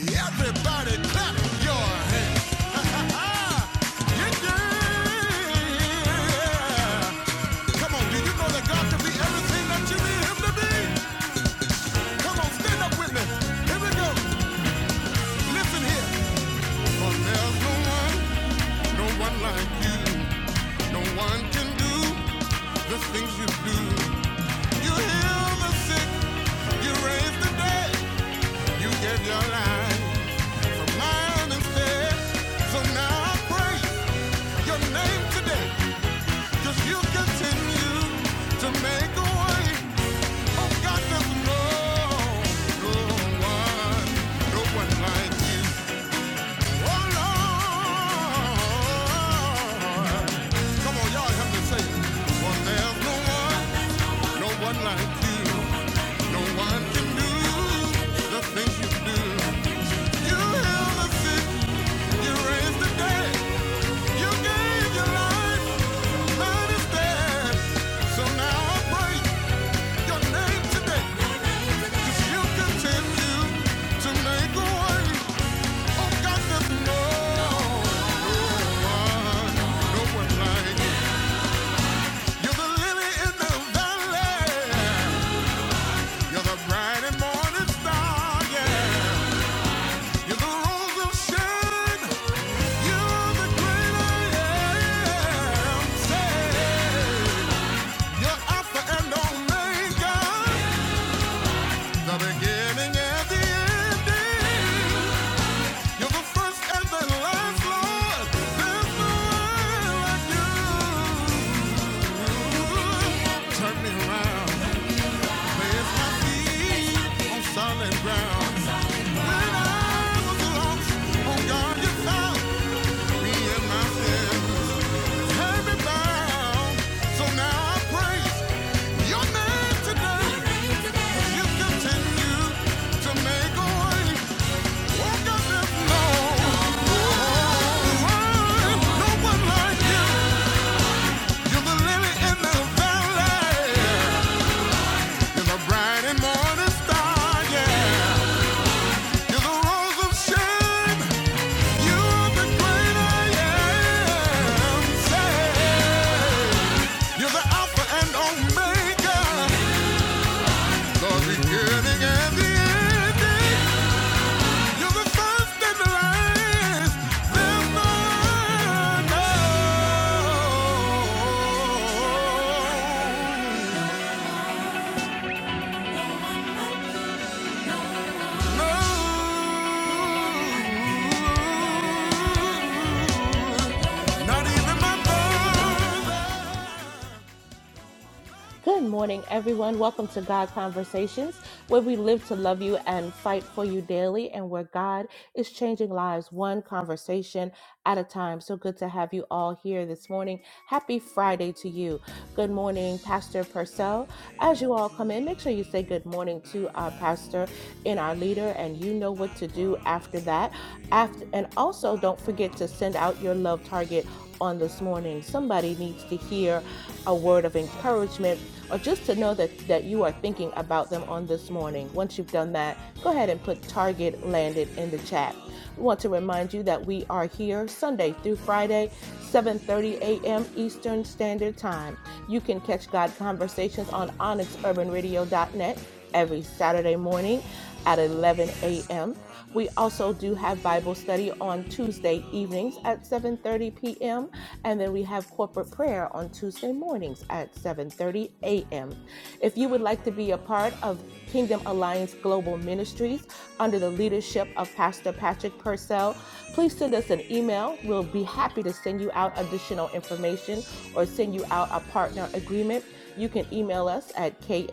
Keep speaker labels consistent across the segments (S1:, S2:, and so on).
S1: Everybody clap your hands. Yeah. yeah. Come on, do you know that God can be everything that you need him to be? Come on, stand up with me. Here we go. Listen here. For there's no one, no one like you. No one can do the things you do. You heal the sick, you raise the dead, you gave your life for mine instead. So now I praise. Your name today, 'cause you continue to make a way. Oh God, there's no, no one, no one like you. Oh Lord, come on, y'all help me say, it. oh there's no one, no one like you. No one can do the things you do. You heal the sick, you raise the dead. You gave your life, understand. So now I pray your name today. 'Cause you continue to make a way. Oh God, there's no, no one, no one like you. You're the lily in the valley. You're the bright and morning star, yeah. You're the rose of Sharon. You're the great I You're Alpha and Omega, the beginning and the ending. You're the first and the last, Lord. There's no one like Turn me around, place my feet on solid ground. When I was lost, oh God, you found me in my sin. Tear me down, so now I praise your name today. You continue to make a way. No one like you. You're the lily in the valley. You're the bright and morning star, yeah. You're the rose of shame. You're the great I You're the Alpha and Omega. Lord, beginning and the ending. You're the first and the last. Never know. No. Not even my mother.
S2: Good morning, everyone. Welcome to God Conversations, where we live to love you and fight for you daily, and where God is changing lives one conversation at a time. So good to have you all here this morning. Happy Friday to you. Good morning, Pastor Purcell. As you all come in, make sure you say good morning to our pastor and our leader, and you know what to do after that. After and also don't forget to send out your love target on this morning. Somebody needs to hear a word of encouragement or just to know that that you are thinking about them on this morning. Once you've done that, go ahead and put target landed in the chat. We want to remind you that we are here Sunday through Friday, 7:30 a.m. Eastern Standard Time. You can catch God Conversations on onyx urban radio dot net every Saturday morning at 11 a.m. We also do have Bible study on Tuesday evenings at 7:30 p.m. And then we have corporate prayer on Tuesday mornings at 7:30 a.m. If you would like to be a part of Kingdom Alliance Global Ministries under the leadership of Pastor Patrick Purcell, please send us an email. We'll be happy to send you out additional information or send you out a partner agreement. You can email us at ka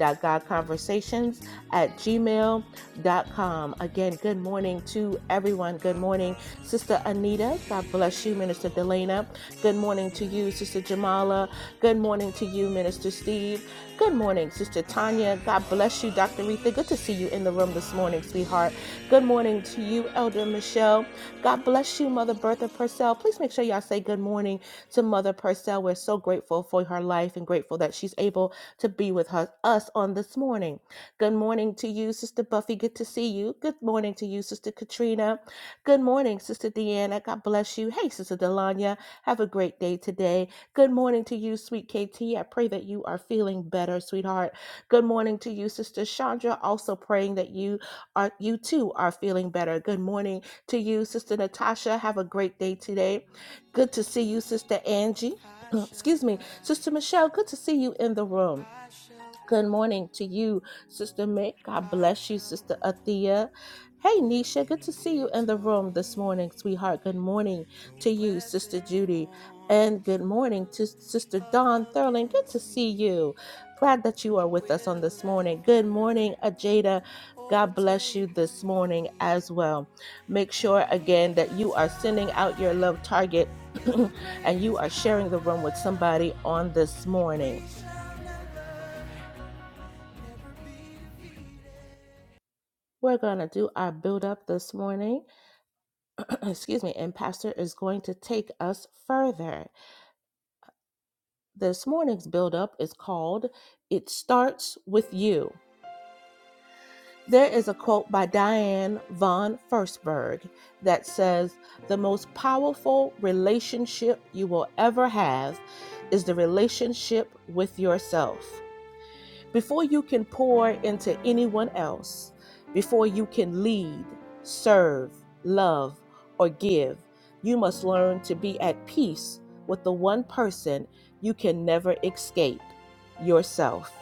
S2: dot godconversations at gmail.com. Again, good morning to everyone. Good morning Sister Anita, God bless you, Minister Delana. Good morning to you, Sister Jamala. Good morning to you, Minister Steve. Good morning, Sister Tanya. God bless you, Dr. Retha. Good to see you in the room this morning, sweetheart. Good morning to you, Elder Michelle. God bless you, Mother Bertha Purcell. Please make sure y'all say good morning to Mother Purcell. We're so grateful for her life and grateful that she's able to be with her, us on this morning. Good morning to you, Sister Buffy. Good to see you. Good morning to you, Sister Katrina. Good morning, Sister Deanna. God bless you. Hey, Sister Delanya. Have a great day today. Good morning to you, sweet KT. I pray that you are feeling better, sweetheart. Good morning to you, Sister Chandra. Also praying that you are you too are feeling better. Good morning to you, Sister Natasha. Have a great day today. Good to see you, Sister Angie.
S1: I shall
S2: Excuse me, Sister
S1: rise.
S2: Michelle. Good to see you in the room.
S1: I shall be.
S2: Good morning to you, Sister Mick.
S1: I
S2: God bless you,
S1: shall
S2: Sister
S1: go
S2: Athea. Hey, Nisha,
S1: in
S2: good to see you in the room this
S1: victory.
S2: morning, sweetheart. Good morning
S1: No
S2: to you, Sister
S1: weapon
S2: Judy. And
S1: formed.
S2: good morning to Sister Dawn Thurling. Good to
S1: against
S2: see you.
S1: me
S2: Glad that you are
S1: will
S2: with us on this morning. Good
S1: ever
S2: morning, Ajada. God bless you
S1: overtake
S2: this morning
S1: me.
S2: as well. Make sure
S1: And
S2: again that you
S1: because
S2: are sending out your
S1: God
S2: love target
S1: is the
S2: and you
S1: greatest
S2: are sharing the room with
S1: power,
S2: somebody on this morning.
S1: we shall never, never be defeated.
S2: We're going to do our build up this morning. Excuse me. And Pastor is going to take us further. This morning's build up is called It Starts With You. There is a quote by Diane von Furstenberg that says, The most powerful relationship you will ever have is the relationship with yourself. Before you can pour into anyone else, before you can lead, serve, love, or give, you must learn to be at peace with the one person you can never escape yourself.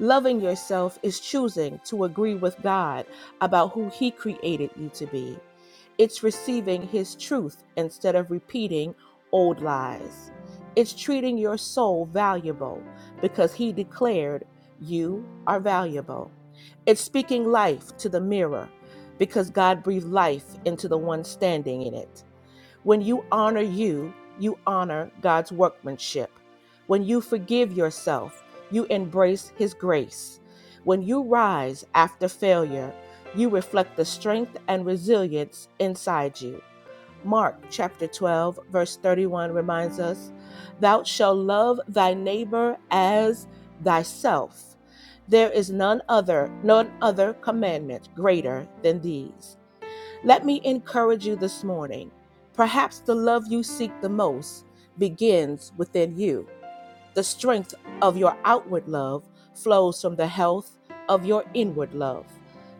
S2: Loving yourself is choosing to agree with God about who He created you to be it's receiving His truth instead of repeating old lies. It's treating your soul valuable because He declared you are valuable. It's speaking life to the mirror because God breathed life into the one standing in it. When you honor you, you honor God's workmanship. When you forgive yourself, you embrace His grace. When you rise after failure, you reflect the strength and resilience inside you. Mark chapter 12, verse 31 reminds us Thou shalt love thy neighbor as thyself. There is none other, none other commandment greater than these. Let me encourage you this morning. Perhaps the love you seek the most begins within you. The strength of your outward love flows from the health of your inward love.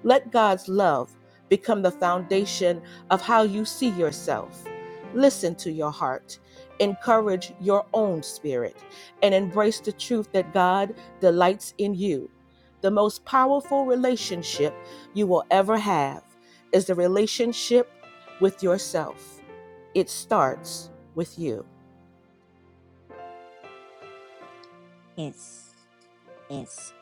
S2: Let God's love become the foundation of how you see yourself. Listen to your heart, encourage your own spirit, and embrace the truth that God delights in you. The most powerful relationship you will ever have is the relationship with yourself. It starts with you.
S1: Yes, yes.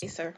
S3: Yes, sir.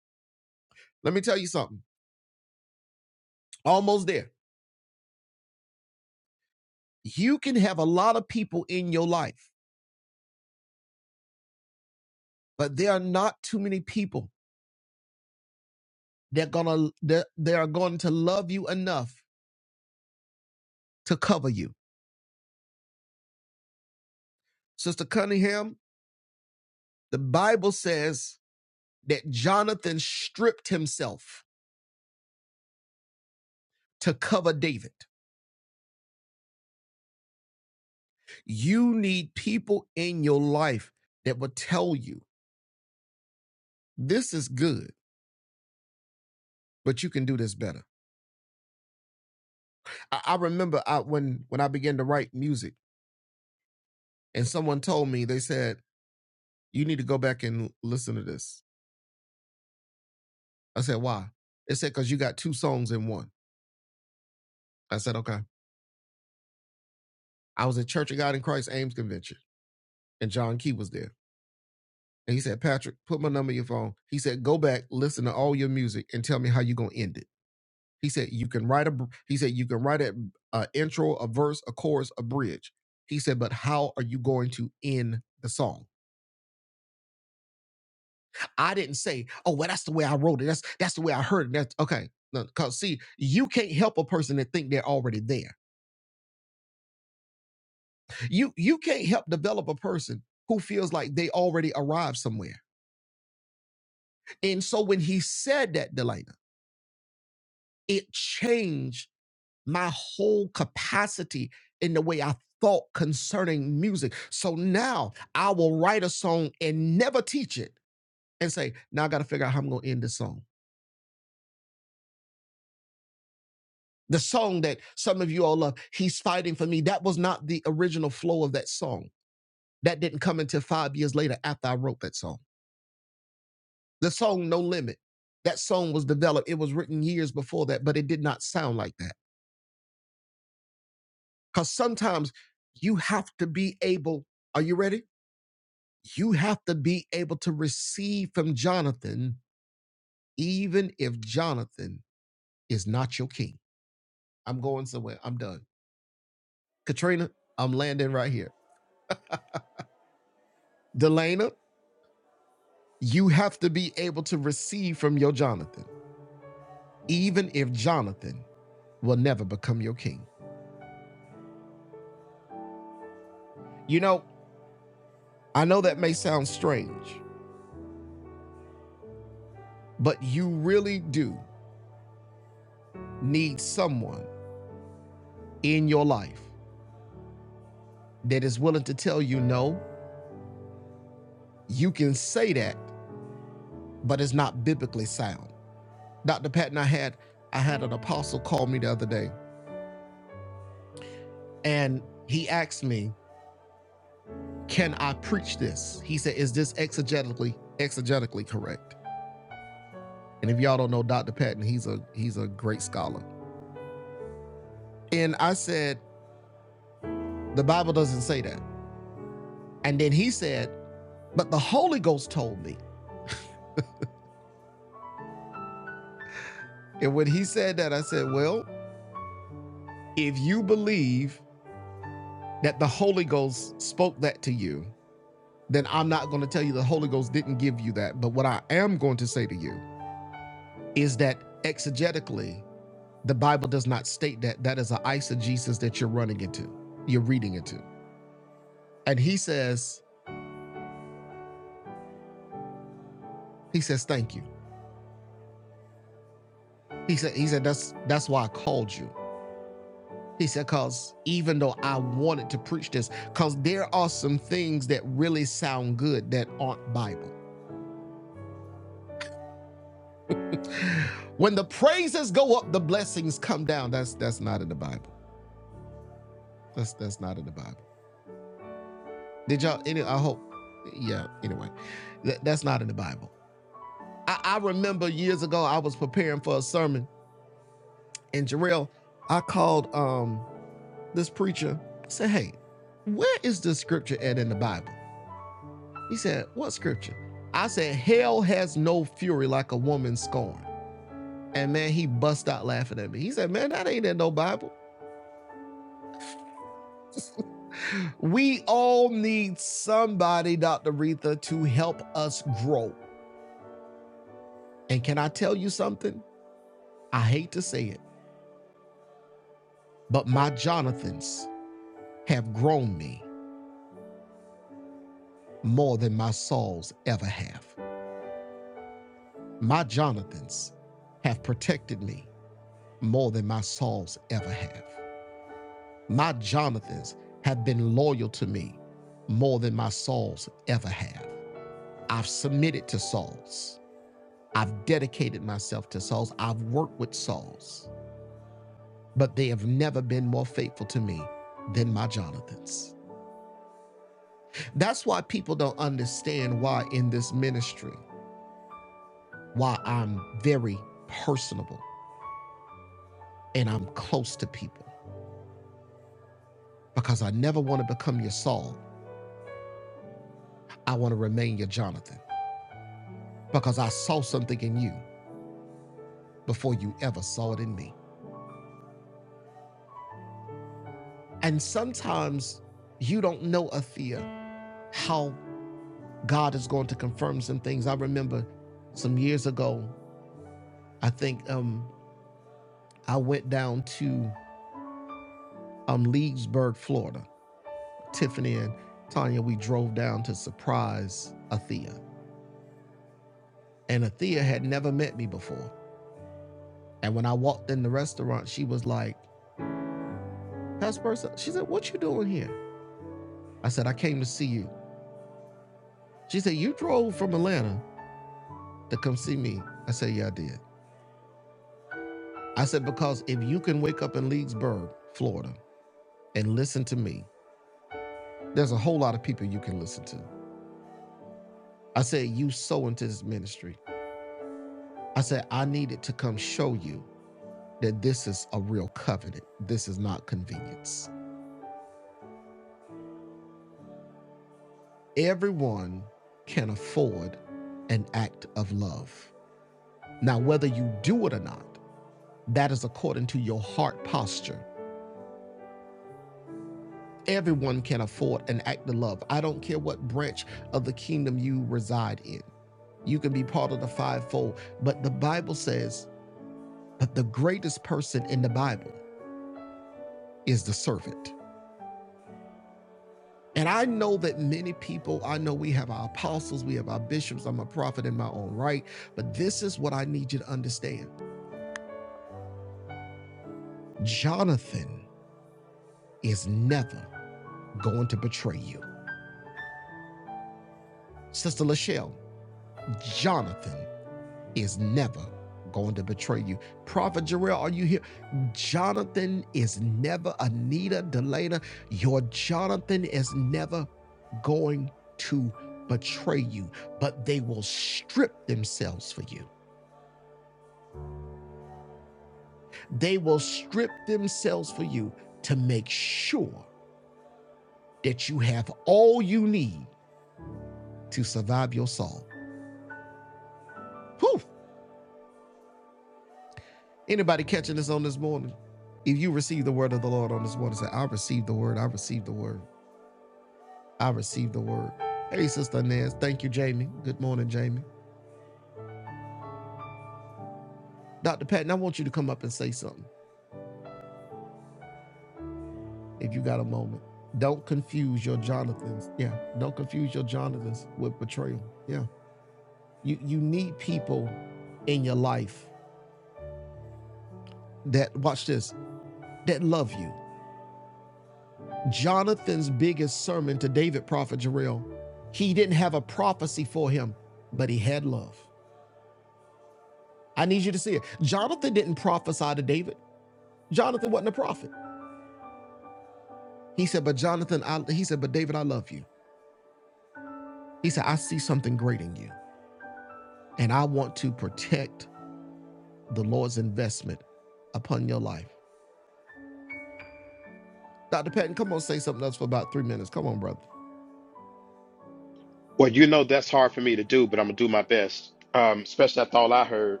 S4: Well, you know that's hard for me to do, but I'm gonna do my best. Um, especially after all I heard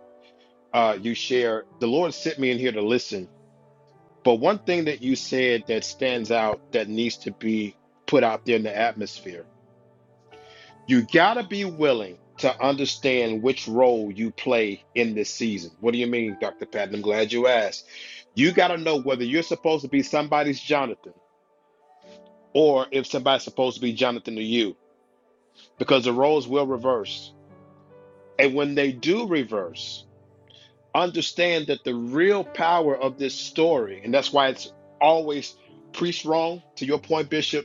S4: uh, you share. The Lord sent me in here to listen. But one thing that you said that stands out that needs to be put out there in the atmosphere. You gotta be willing to understand which role you play in this season. What do you mean, Dr. Patton? I'm glad you asked. You gotta know whether you're supposed to be somebody's Jonathan or if somebody's supposed to be Jonathan to you, because the roles will reverse. And when they do reverse, understand that the real power of this story, and that's why it's always preached wrong, to your point, Bishop,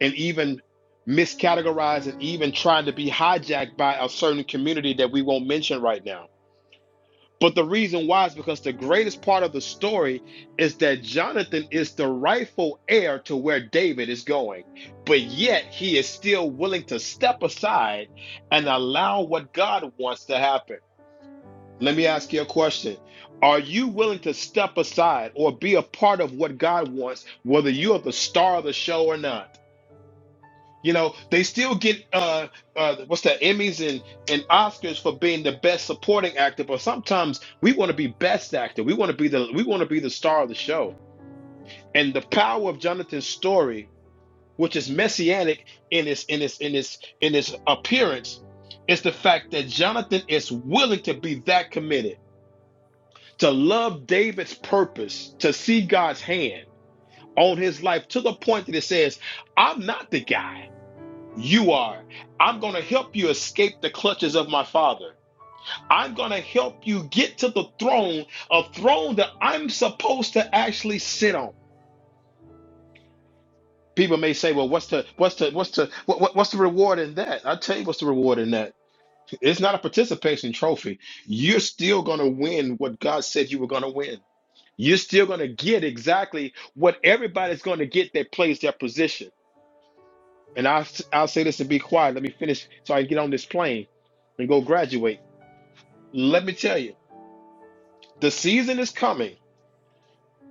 S4: and even miscategorized and even trying to be hijacked by a certain community that we won't mention right now. But the reason why is because the greatest part of the story is that Jonathan is the rightful heir to where David is going. But yet he is still willing to step aside and allow what God wants to happen. Let me ask you a question. Are you willing to step aside or be a part of what God wants, whether you are the star of the show or not? You know, they still get uh, uh what's that Emmys and, and Oscars for being the best supporting actor, but sometimes we want to be best actor. We want to be the we want to be the star of the show. And the power of Jonathan's story, which is messianic in its in its in its in its appearance, is the fact that Jonathan is willing to be that committed. to love David's purpose, to see God's hand on his life to the point that it says, I'm not the guy. You are. I'm going to help you escape the clutches of my father. I'm going to help you get to the throne, a throne that I'm supposed to actually sit on. People may say, "Well, what's the what's the what's the what, what- what's the reward in that?" I tell you, what's the reward in that? It's not a participation trophy. You're still going to win what God said you were going to win. You're still going to get exactly what everybody's going to get that plays their position. And I'll, I'll say this and be quiet. Let me finish so I can get on this plane and go graduate. Let me tell you, the season is coming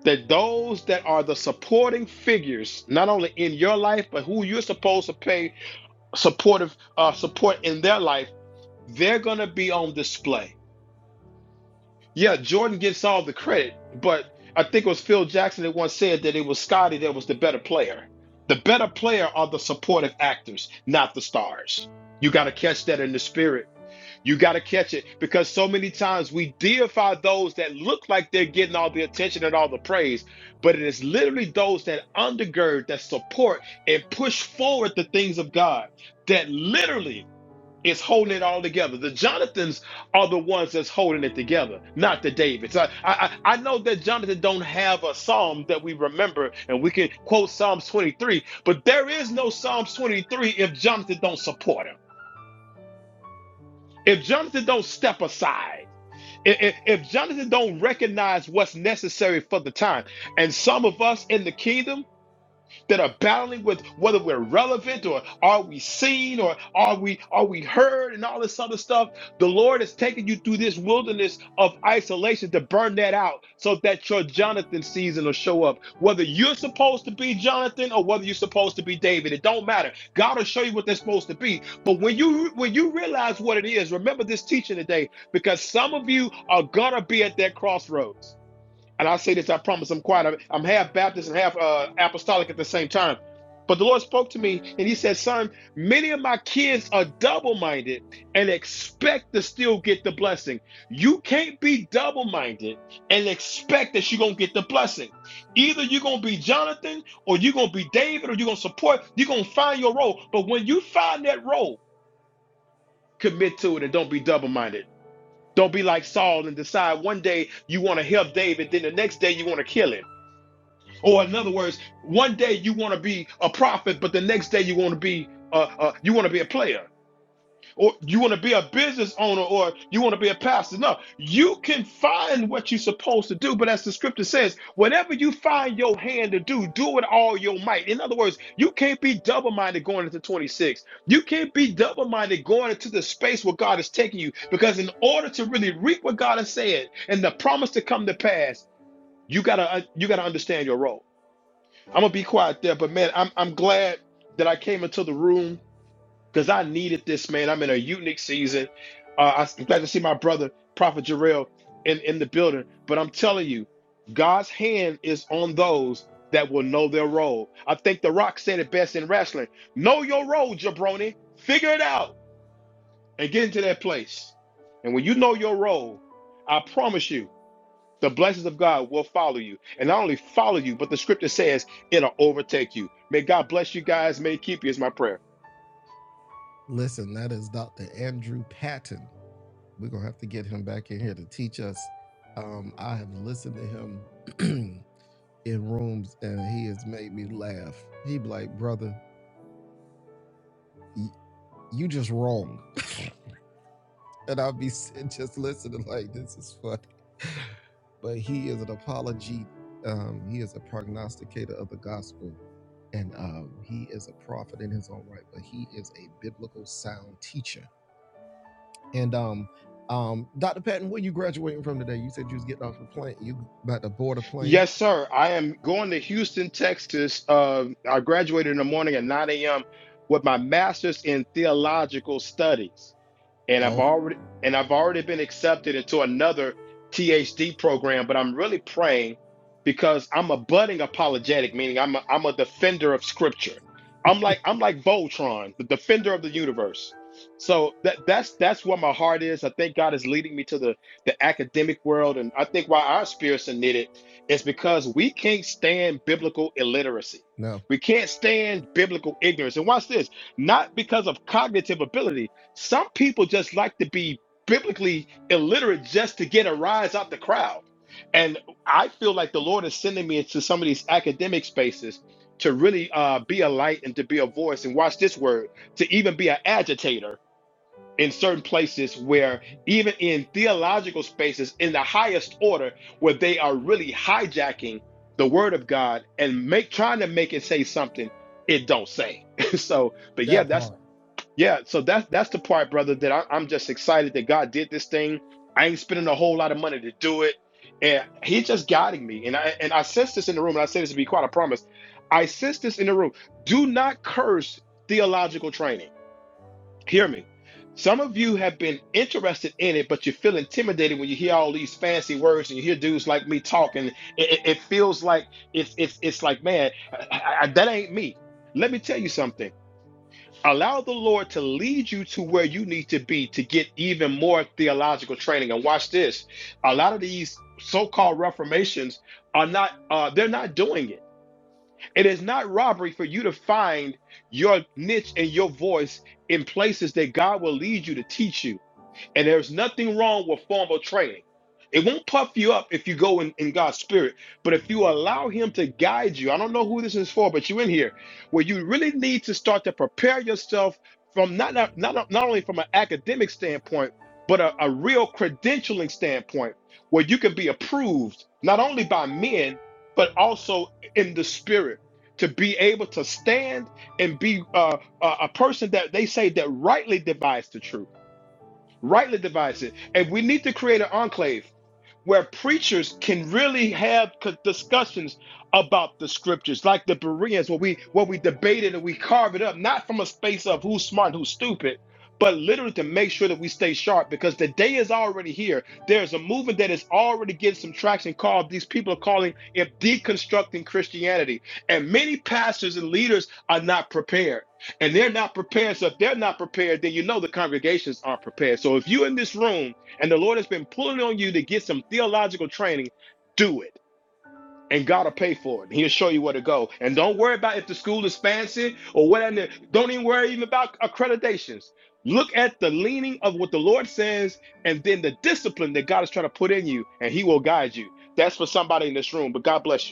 S4: that those that are the supporting figures, not only in your life, but who you're supposed to pay supportive uh, support in their life, they're going to be on display Yeah, Jordan gets all the credit, but I think it was Phil Jackson that once said that it was Scotty that was the better player. The better player are the supportive actors, not the stars. You got to catch that in the spirit. You got to catch it because so many times we deify those that look like they're getting all the attention and all the praise, but it is literally those that undergird, that support, and push forward the things of God that literally is holding it all together. The Jonathans are the ones that's holding it together, not the Davids. I, I I know that Jonathan don't have a psalm that we remember and we can quote Psalms 23, but there is no Psalms 23 if Jonathan don't support him. If Jonathan don't step aside, i- i- if Jonathan don't recognize what's necessary for the time, and some of us in the kingdom that are battling with whether we're relevant or are we seen or are we are we heard and all this other stuff. The Lord has taken you through this wilderness of isolation to burn that out so that your Jonathan season will show up. Whether you're supposed to be Jonathan or whether you're supposed to be David, it don't matter. God will show you what they're supposed to be. But when you when you realize what it is, remember this teaching today because some of you are gonna be at that crossroads and I say this, I promise I'm quiet. I'm half Baptist and half uh, apostolic at the same time. But the Lord spoke to me and He said, Son, many of my kids are double minded and expect to still get the blessing. You can't be double minded and expect that you're going to get the blessing. Either you're going to be Jonathan or you're going to be David or you're going to support, you're going to find your role. But when you find that role, commit to it and don't be double minded. Don't be like Saul and decide one day you want to help David, then the next day you want to kill him. Or in other words, one day you want to be a prophet, but the next day you want to be uh, uh, you want to be a player, or you want to be a business owner, or you want to be a pastor. No, you can find what you're supposed to do, but as the scripture says, whatever you find your hand to do, do it all your might. In other words, you can't be double-minded going into 26. You can't be double-minded going into the space where God is taking you, because in order to really reap what God has said and the promise to come to pass, you gotta uh, you gotta understand your role. I'm gonna be quiet there, but man, I'm I'm glad that I came into the room because I needed this, man. I'm in a unique season. Uh, I'm glad to see my brother Prophet Jarrell in in the building. But I'm telling you, God's hand is on those that will know their role. I think The Rock said it best in wrestling: "Know your role, jabroni. Figure it out and get into that place. And when you know your role, I promise you." The blessings of God will follow you. And not only follow you, but the scripture says it'll overtake you. May God bless you guys. May He keep you is my prayer. Yes, sir. I am going to Houston, Texas. Uh, I graduated in the morning at 9 a.m. with my master's in theological studies. and I've already and I've already been accepted into another THD program, but I'm really praying because I'm a budding apologetic, meaning I'm a, I'm a defender of scripture. I'm like I'm like Voltron, the defender of the universe. So that that's that's where my heart is. I think God is leading me to the the academic world, and I think why our spirits are knitted is because we can't stand biblical illiteracy. We can't stand biblical ignorance. And watch this, not because of cognitive ability, some people just like to be biblically illiterate just to get a rise out the crowd. And I feel like the Lord is sending me into some of these academic spaces to really uh, be a light and to be a voice. And watch this word to even be an agitator in certain places where, even in theological spaces in the highest order, where they are really hijacking the word of God and make trying to make it say something it don't say. so, but yeah, that's yeah, so that's that's the part, brother, that I, I'm just excited that God did this thing. I ain't spending a whole lot of money to do it. And he's just guiding me. And I and I sense this in the room, and I say this to be quite a promise. I sense this in the room. Do not curse theological training. Hear me. Some of you have been interested in it, but you feel intimidated when you hear all these fancy words and you hear dudes like me talking. It, it, it feels like it's it's it's like, man, I, I, I- that ain't me. Let me tell you something. Allow the Lord to lead you to where you need to be to get even more theological training. And watch this. A lot of these so-called reformations are not uh, they're not doing it. It is not robbery for you to find your niche and your voice in places that God will lead you to teach you. And there's nothing wrong with formal training. It won't puff you up if you go in, in God's spirit, but if you allow Him to guide you, I don't know who this is for, but you are in here where you really need to start to prepare yourself from not not not, not only from an academic standpoint, but a, a real credentialing standpoint, where you can be approved not only by men but also in the spirit to be able to stand and be uh, a a person that they say that rightly divides the truth rightly divides it. And we need to create an enclave where preachers can really have c- discussions about the scriptures, like the Bereans, where we where we debate it and we carve it up, not from a space of who's smart and who's stupid, but literally to make sure that we stay sharp because the day is already here. There's a movement that is already getting some traction called these people are calling it deconstructing Christianity. And many pastors and leaders are not prepared and they're not prepared. So if they're not prepared, then you know the congregations aren't prepared. So if you're in this room and the Lord has been pulling on you to get some theological training, do it. And God will pay for it. He'll show you where to go. And don't worry about if the school is fancy or whatever. Don't even worry even about accreditations. Look at the leaning of what the Lord says and then the discipline that God is trying to put in you, and He will guide you. That's for somebody in this room. But God bless you.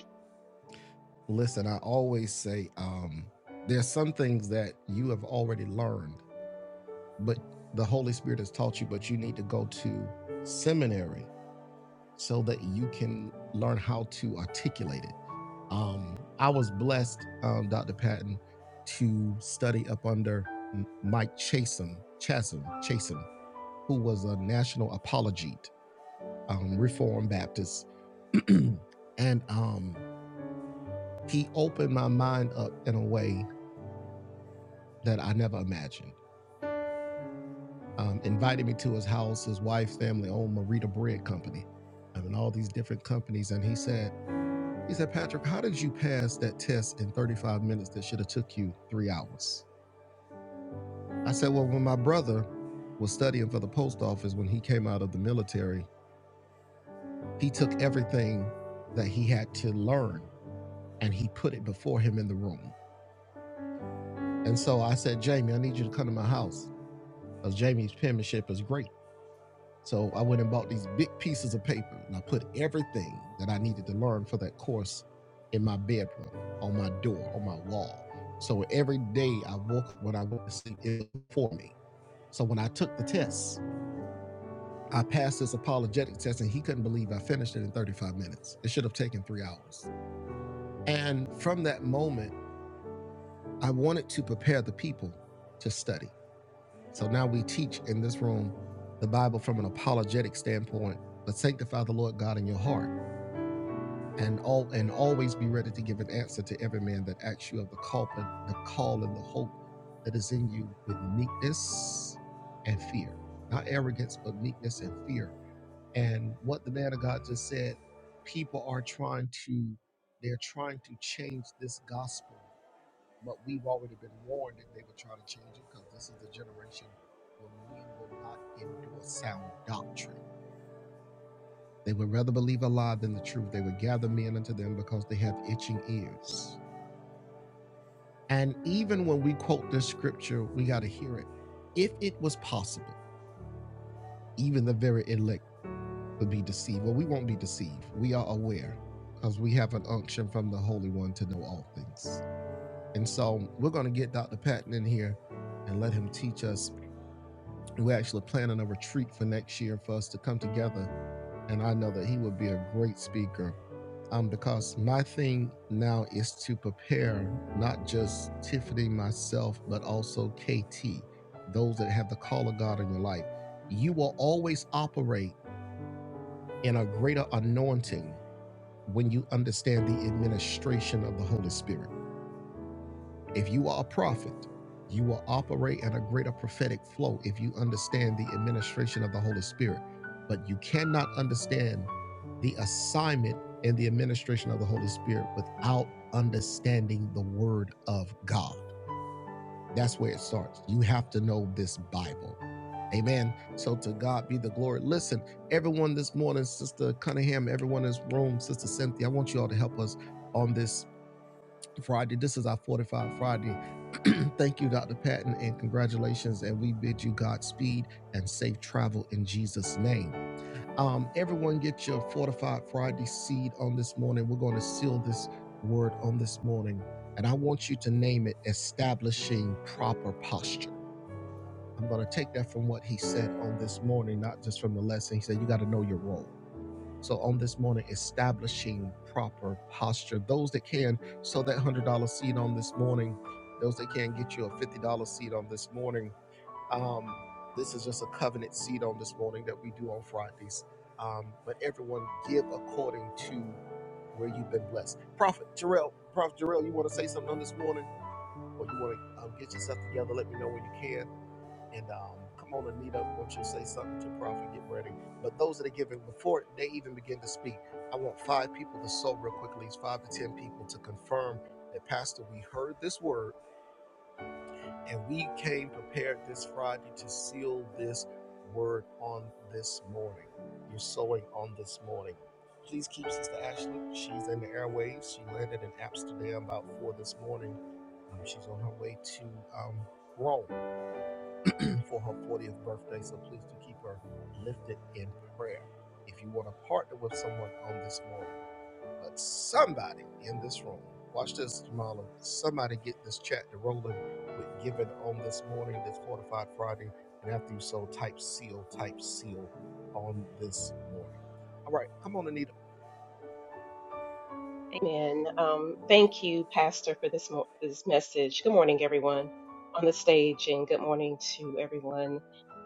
S3: Amen. Um, thank you, Pastor, for this mo- this message. Good morning, everyone on the stage, and good morning to everyone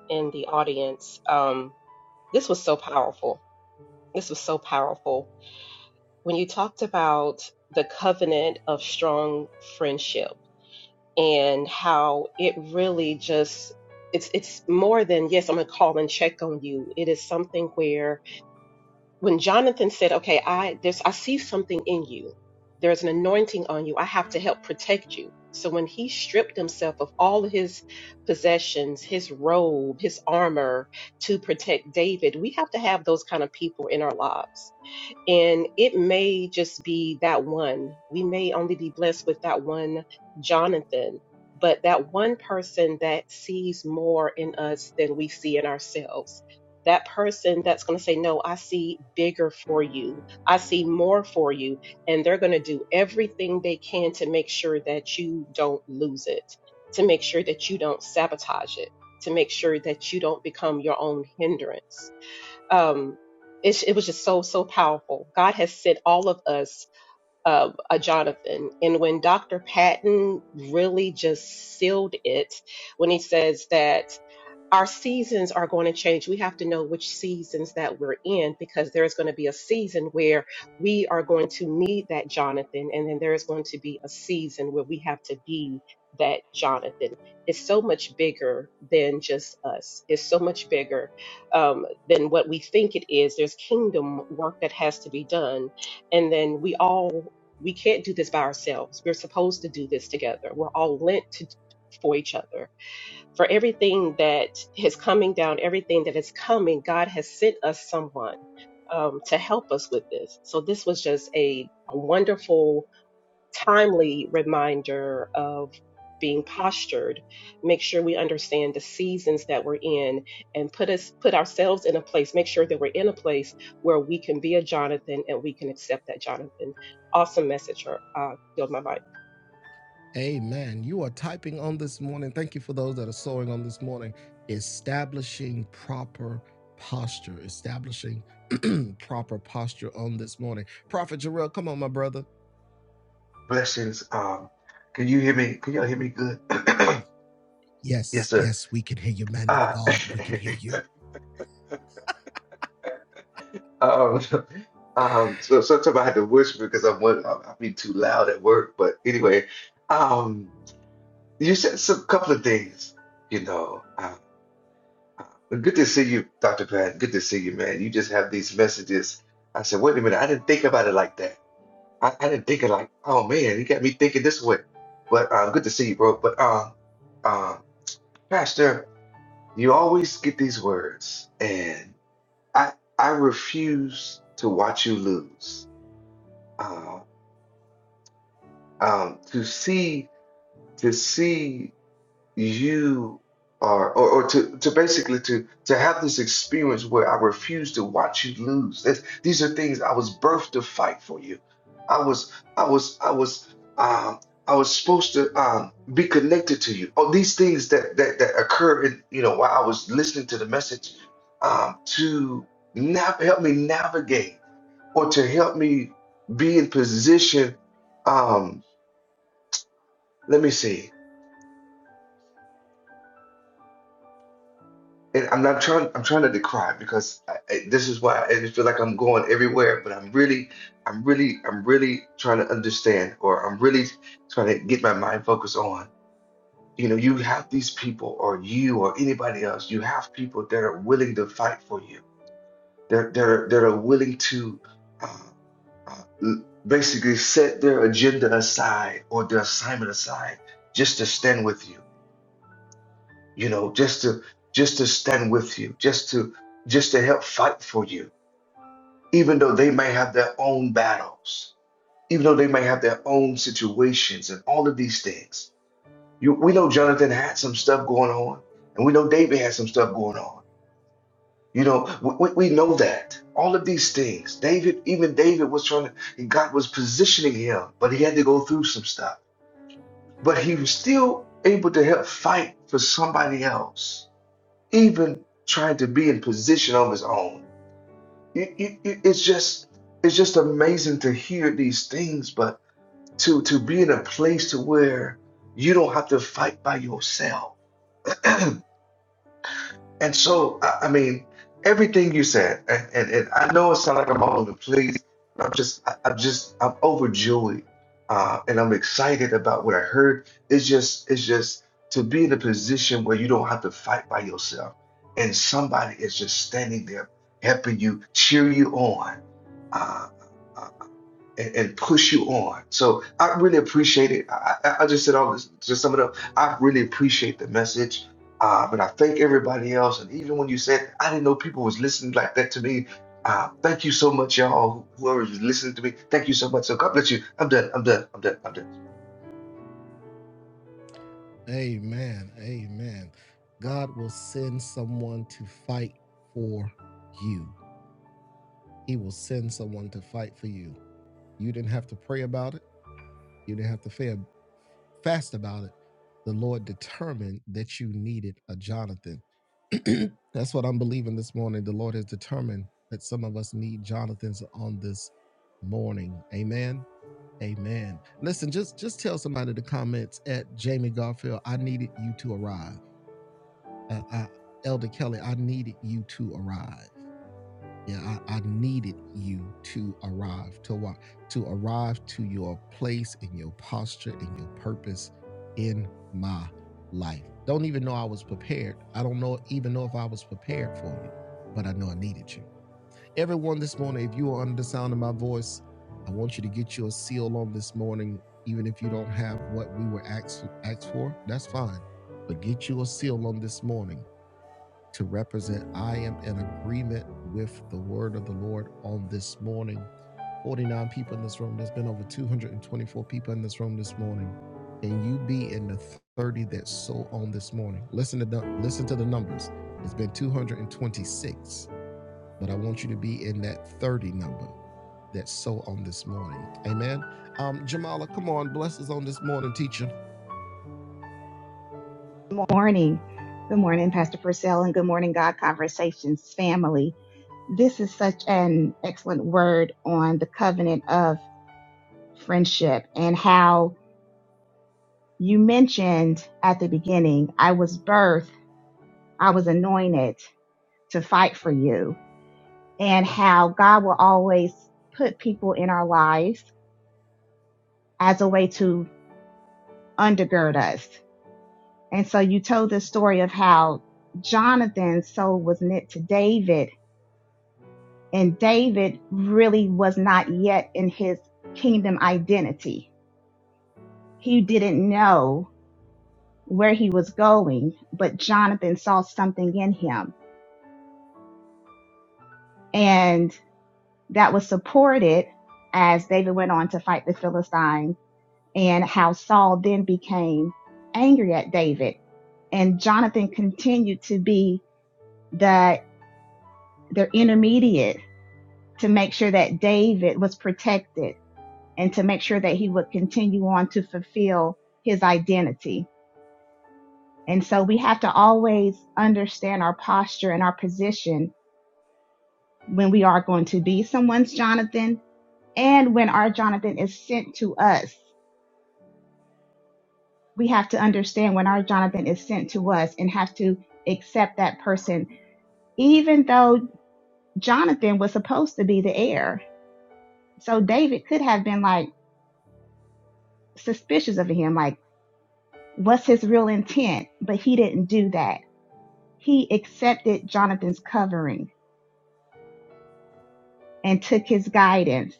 S3: in the audience. Um, this was so powerful. This was so powerful when you talked about the covenant of strong friendship and how it really just it's it's more than yes, I'm gonna call and check on you. It is something where when Jonathan said, "Okay, I there's I see something in you. There's an anointing on you. I have to help protect you." So when he stripped himself of all of his possessions, his robe, his armor to protect David, we have to have those kind of people in our lives and it may just be that one. We may only be blessed with that one Jonathan, but that one person that sees more in us than we see in ourselves. That person that's going to say, No, I see bigger for you. I see more for you. And they're going to do everything they can to make sure that you don't lose it, to make sure that you don't sabotage it, to make sure that you don't become your own hindrance um, it, it was just so so powerful. God has sent all of us uh, a Jonathan, and when Dr. Patton really just sealed it when he says that our seasons are going to change. We have to know which seasons that we're in because there's going to be a season where we are going to need that Jonathan, and then there's going to be a season where we have to be that Jonathan. It's so much bigger than just us, it's so much bigger um, than what we think it is. There's kingdom work that has to be done, and then we all. We can't do this by ourselves. We're supposed to do this together. We're all lent to, for each other for everything that is coming down, everything that is coming, God has sent us someone um, to help us with this. So this was just a, a wonderful, timely reminder of being postured. Make sure we understand the seasons that we're in, and put us put ourselves in a place. Make sure that we're in a place where we can be a Jonathan and we can accept that Jonathan. Awesome message, or uh, yield my mic.
S5: Blessings. Um, can you hear me? Can y'all hear me good? yes, sir. Uh, um, um, so sometimes I had to whisper because I'm one, I- I'll be too loud at work. But anyway, um, you said some couple of things. You know, uh, uh, good to see you, Dr. Pat. Good to see you, man. You just have these messages. I said, wait a minute, I didn't think about it like that. I, I didn't think it like, oh man, you got me thinking this way. But uh, good to see you, bro. But um, uh, Pastor. You always get these words, and I I refuse to watch you lose. Uh, um, to see to see you are or, or to, to basically to to have this experience where I refuse to watch you lose. That's, these are things I was birthed to fight for you. I was I was I was um I was supposed to um be connected to you. Oh, these things that that that occur in you know while I was listening to the message um to nav- help me navigate or to help me be in position um let me see And I'm not trying, I'm trying to decry because I, I, this is why I just feel like I'm going everywhere, but I'm really, I'm really, I'm really trying to understand, or I'm really trying to get my mind focused on, you know, you have these people, or you, or anybody else, you have people that are willing to fight for you, that, that are, that are willing to uh, uh, l- basically set their agenda aside or their assignment aside just to stand with you you know, just to just to stand with you, just to just to help fight for you, even though they may have their own battles, even though they may have their own situations and all of these things. You, we know Jonathan had some stuff going on, and we know David had some stuff going on. You know, we, we we know that all of these things. David, even David was trying to, and God was positioning him, but he had to go through some stuff. But he was still able to help fight for somebody else even tried to be in position of his own. You- you- you- It's just it's just amazing to hear these things, but to to be in a place to where you don't have to fight by yourself. And so, I, I mean, everything you said, and, and, and I know it sounds like I'm all over the place. but I'm just, I, I'm just, I'm overjoyed, uh, and I'm excited about what I heard. It's just, it's just to be in a position where you don't have to fight by yourself, and somebody is just standing there helping you, cheer you on. Uh, uh, and, and push you on. So I really appreciate it. I, I I just said all this to sum it up. I really appreciate the message. Uh, but I thank everybody else. And even when you said, I didn't know people was listening like that to me. Uh, thank you so much, y'all. Whoever is listening to me, thank you so much. So God bless you. I'm done. I'm done. I'm done. I'm done.
S6: Good morning. Good morning, Pastor Purcell, and good morning, God Conversations family. This is such an excellent word on the covenant of friendship and how you mentioned at the beginning, I was birthed, I was anointed to fight for you, and how God will always put people in our lives as a way to undergird us. And so you told the story of how Jonathan's soul was knit to David And David really was not yet in his kingdom identity. He didn't know where he was going, but Jonathan saw something in him. And that was supported as David went on to fight the Philistines and how Saul then became angry at David. And Jonathan continued to be the, the intermediate to make sure that David was protected and to make sure that he would continue on to fulfill his identity. And so we have to always understand our posture and our position when we are going to be someone's Jonathan and when our Jonathan is sent to us. We have to understand when our Jonathan is sent to us and have to accept that person, even though Jonathan was supposed to be the heir. So David could have been like suspicious of him, like, what's his real intent? But he didn't do that He accepted Jonathan's covering and took his guidance,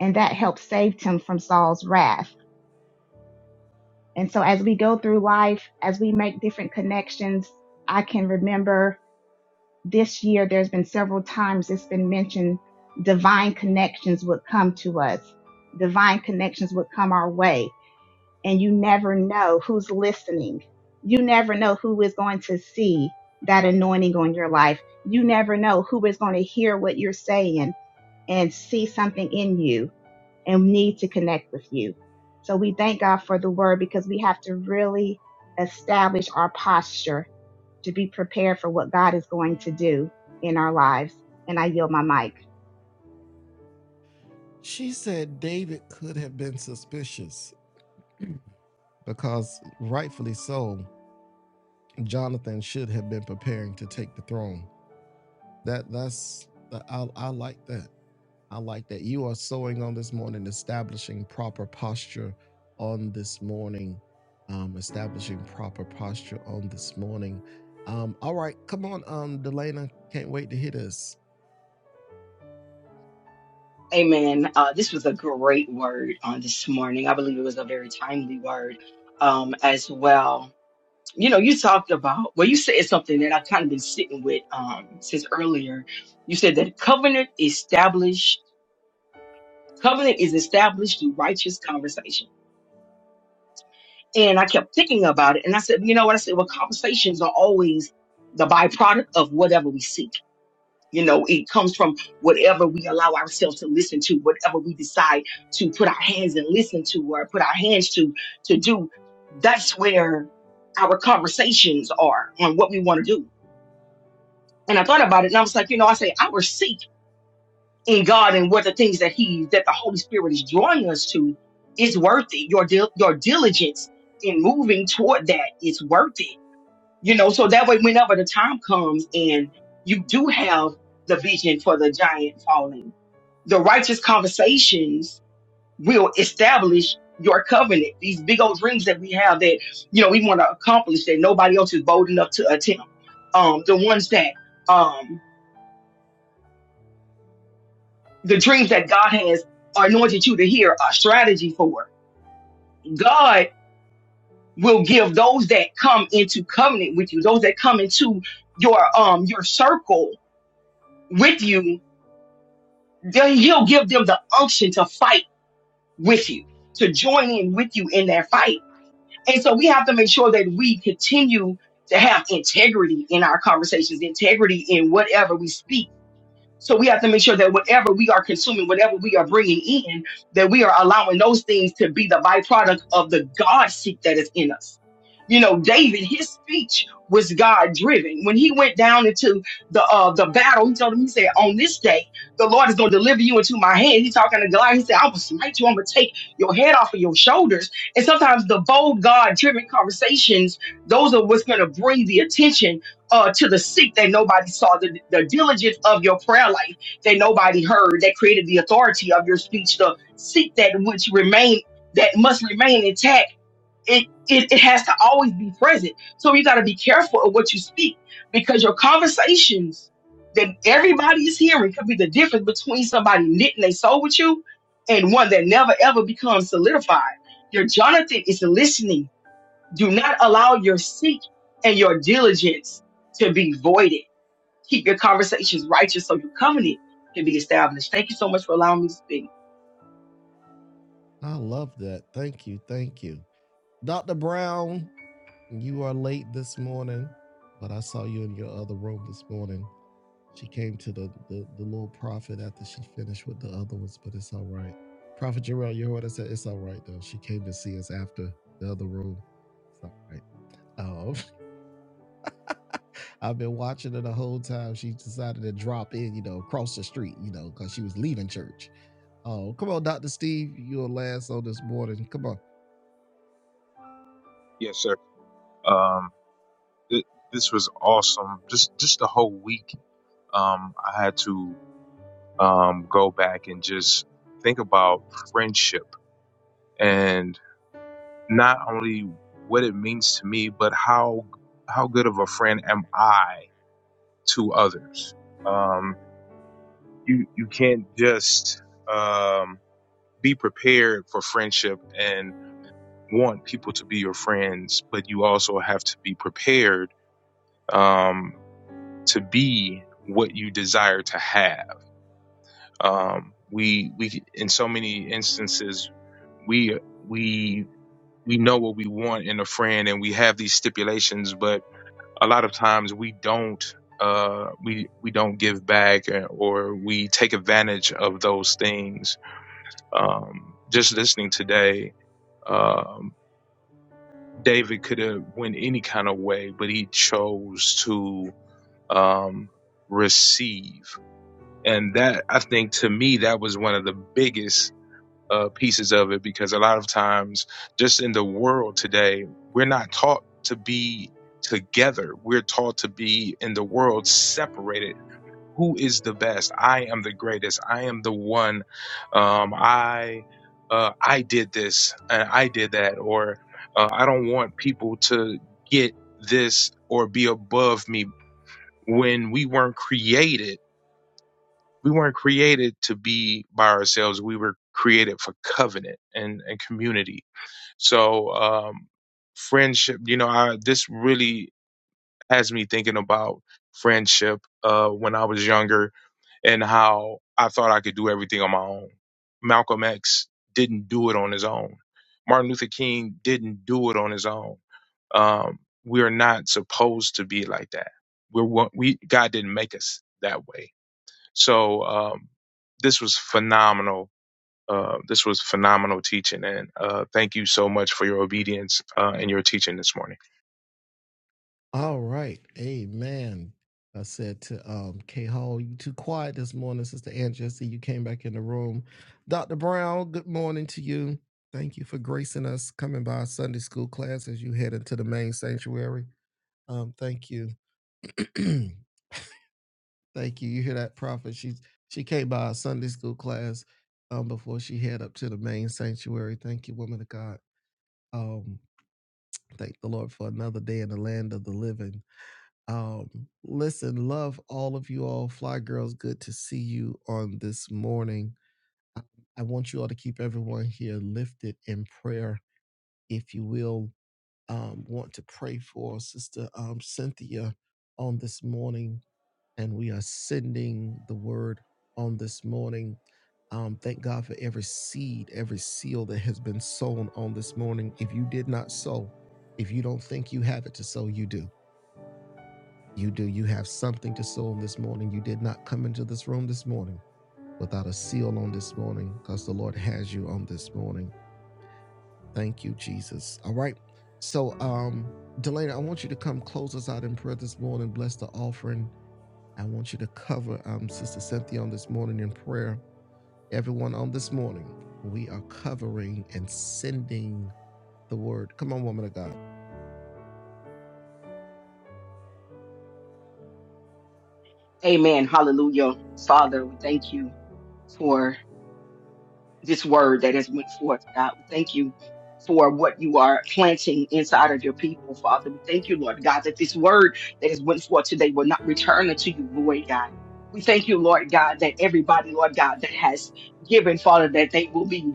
S6: and that helped save him from Saul's wrath. And so, as we go through life, as we make different connections, I can remember this year there's been several times it's been mentioned divine connections would come to us, divine connections would come our way, and you never know who's listening. You never know who is going to see that anointing on your life. You never know who is going to hear what you're saying and see something in you and need to connect with you. So we thank God for the word because we have to really establish our posture to be prepared for what God is going to do in our lives. And I yield my mic.
S7: Amen. Uh, this was a great word on this morning. I believe it was a very timely word um, as well. You know, you talked about, well, you said something that I've kind of been sitting with um, since earlier. You said that covenant established, covenant is established through righteous conversation. And I kept thinking about it. And I said, you know what? I said, well, conversations are always the byproduct of whatever we seek You know, it comes from whatever we allow ourselves to listen to, whatever we decide to put our hands and listen to or put our hands to to do. That's where our conversations are on what we want to do. And I thought about it and I was like, you know, I say our seek in God and what the things that He that the Holy Spirit is drawing us to is worth it. Your dil- your diligence in moving toward that is worth it you know so that way whenever the time comes and you do have the vision for the giant falling the righteous conversations will establish your covenant these big old dreams that we have that you know we want to accomplish that nobody else is bold enough to attempt um the ones that um the dreams that god has anointed you to hear a strategy for god will give those that come into covenant with you those that come into your um your circle with you then he'll give them the unction to fight with you, to join in with you in that fight. And so we have to make sure that we continue to have integrity in our conversations, integrity in whatever we speak so we have to make sure that whatever we are consuming, whatever we are bringing in, that we are allowing those things to be the byproduct of the God seek that is in us. You know, David, his speech was God driven. When he went down into the uh, the battle, he told him, he said, "On this day, the Lord is going to deliver you into my hand." He's talking to Goliath. He said, "I will smite you. I'm going to take your head off of your shoulders." And sometimes the bold God driven conversations, those are what's going to bring the attention uh, to the sick that nobody saw, the, the diligence of your prayer life that nobody heard, that created the authority of your speech, the seek that which remain that must remain intact. It, it, it has to always be present. So you got to be careful of what you speak because your conversations that everybody is hearing could be the difference between somebody knitting their soul with you and one that never ever becomes solidified. Your Jonathan is listening do not allow your seek and your diligence to be voided. Keep your conversations righteous so your covenant can be established. Thank you so much for allowing me to speak.
S8: Yes, sir. Um, th- this was awesome. Just just the whole week, um, I had to um go back and just think about friendship and not only what it means to me, but how how good of a friend am I to others. Um, you you can't just um be prepared for friendship and want people to be your friends, but you also have to be prepared. Um, to be what you desire to have. Um, we we in so many instances we we we know what we want in a friend and we have these stipulations, but a lot of times we don't uh we we don't give back or, we take advantage of those things um just listening today um david could have went any kind of way but he chose to um receive and that i think to me that was one of the biggest uh, pieces of it because a lot of times just in the world today we're not taught to be together we're taught to be in the world separated who is the best i am the greatest i am the one um, i uh, i did this and i did that or uh, i don't want people to get this or be above me when we weren't created we weren't created to be by ourselves. We were created for covenant and, and community. So, um, friendship, you know, I, this really has me thinking about friendship uh, when I was younger and how I thought I could do everything on my own. Malcolm X didn't do it on his own. Martin Luther King didn't do it on his own. Um, we are not supposed to be like that. We're one- we God didn't make us that way so um, this was phenomenal. Uh, this was phenomenal teaching, and uh, thank you so much for your obedience uh, and your teaching this morning,
S7: Amen. Hallelujah. Father, we thank you for this word that has went forth, God. We thank you for what you are planting inside of your people, Father. We thank you, Lord God, that this word that has went forth today will not return unto you void, God. We thank you, Lord God, that everybody, Lord God, that has given, Father, that they will be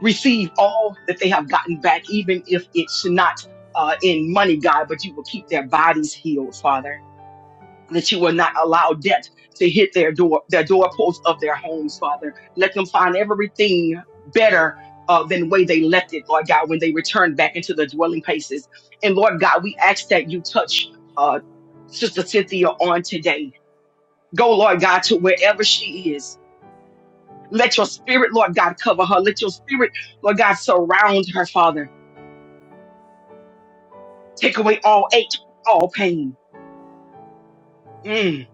S7: receive all that they have gotten back, even if it's not uh, in money, God, but you will keep their bodies healed, Father. That you will not allow debt to hit their door, their doorposts of their homes, Father. Let them find everything better uh, than the way they left it, Lord God, when they return back into the dwelling places. And Lord God, we ask that you touch uh, Sister Cynthia on today. Go, Lord God, to wherever she is. Let your spirit, Lord God, cover her. Let your spirit, Lord God, surround her, Father. Take away all ache, all pain. Mm.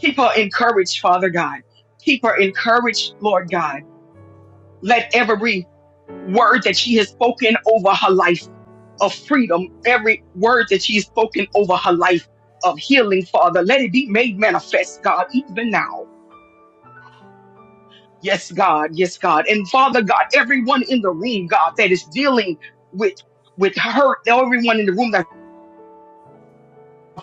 S7: Keep her encouraged, Father God. Keep her encouraged, Lord God. Let every word that she has spoken over her life of freedom, every word that she has spoken over her life of healing, Father, let it be made manifest, God, even now. Yes, God. Yes, God. And Father God, everyone in the room, God, that is dealing with with hurt, everyone in the room that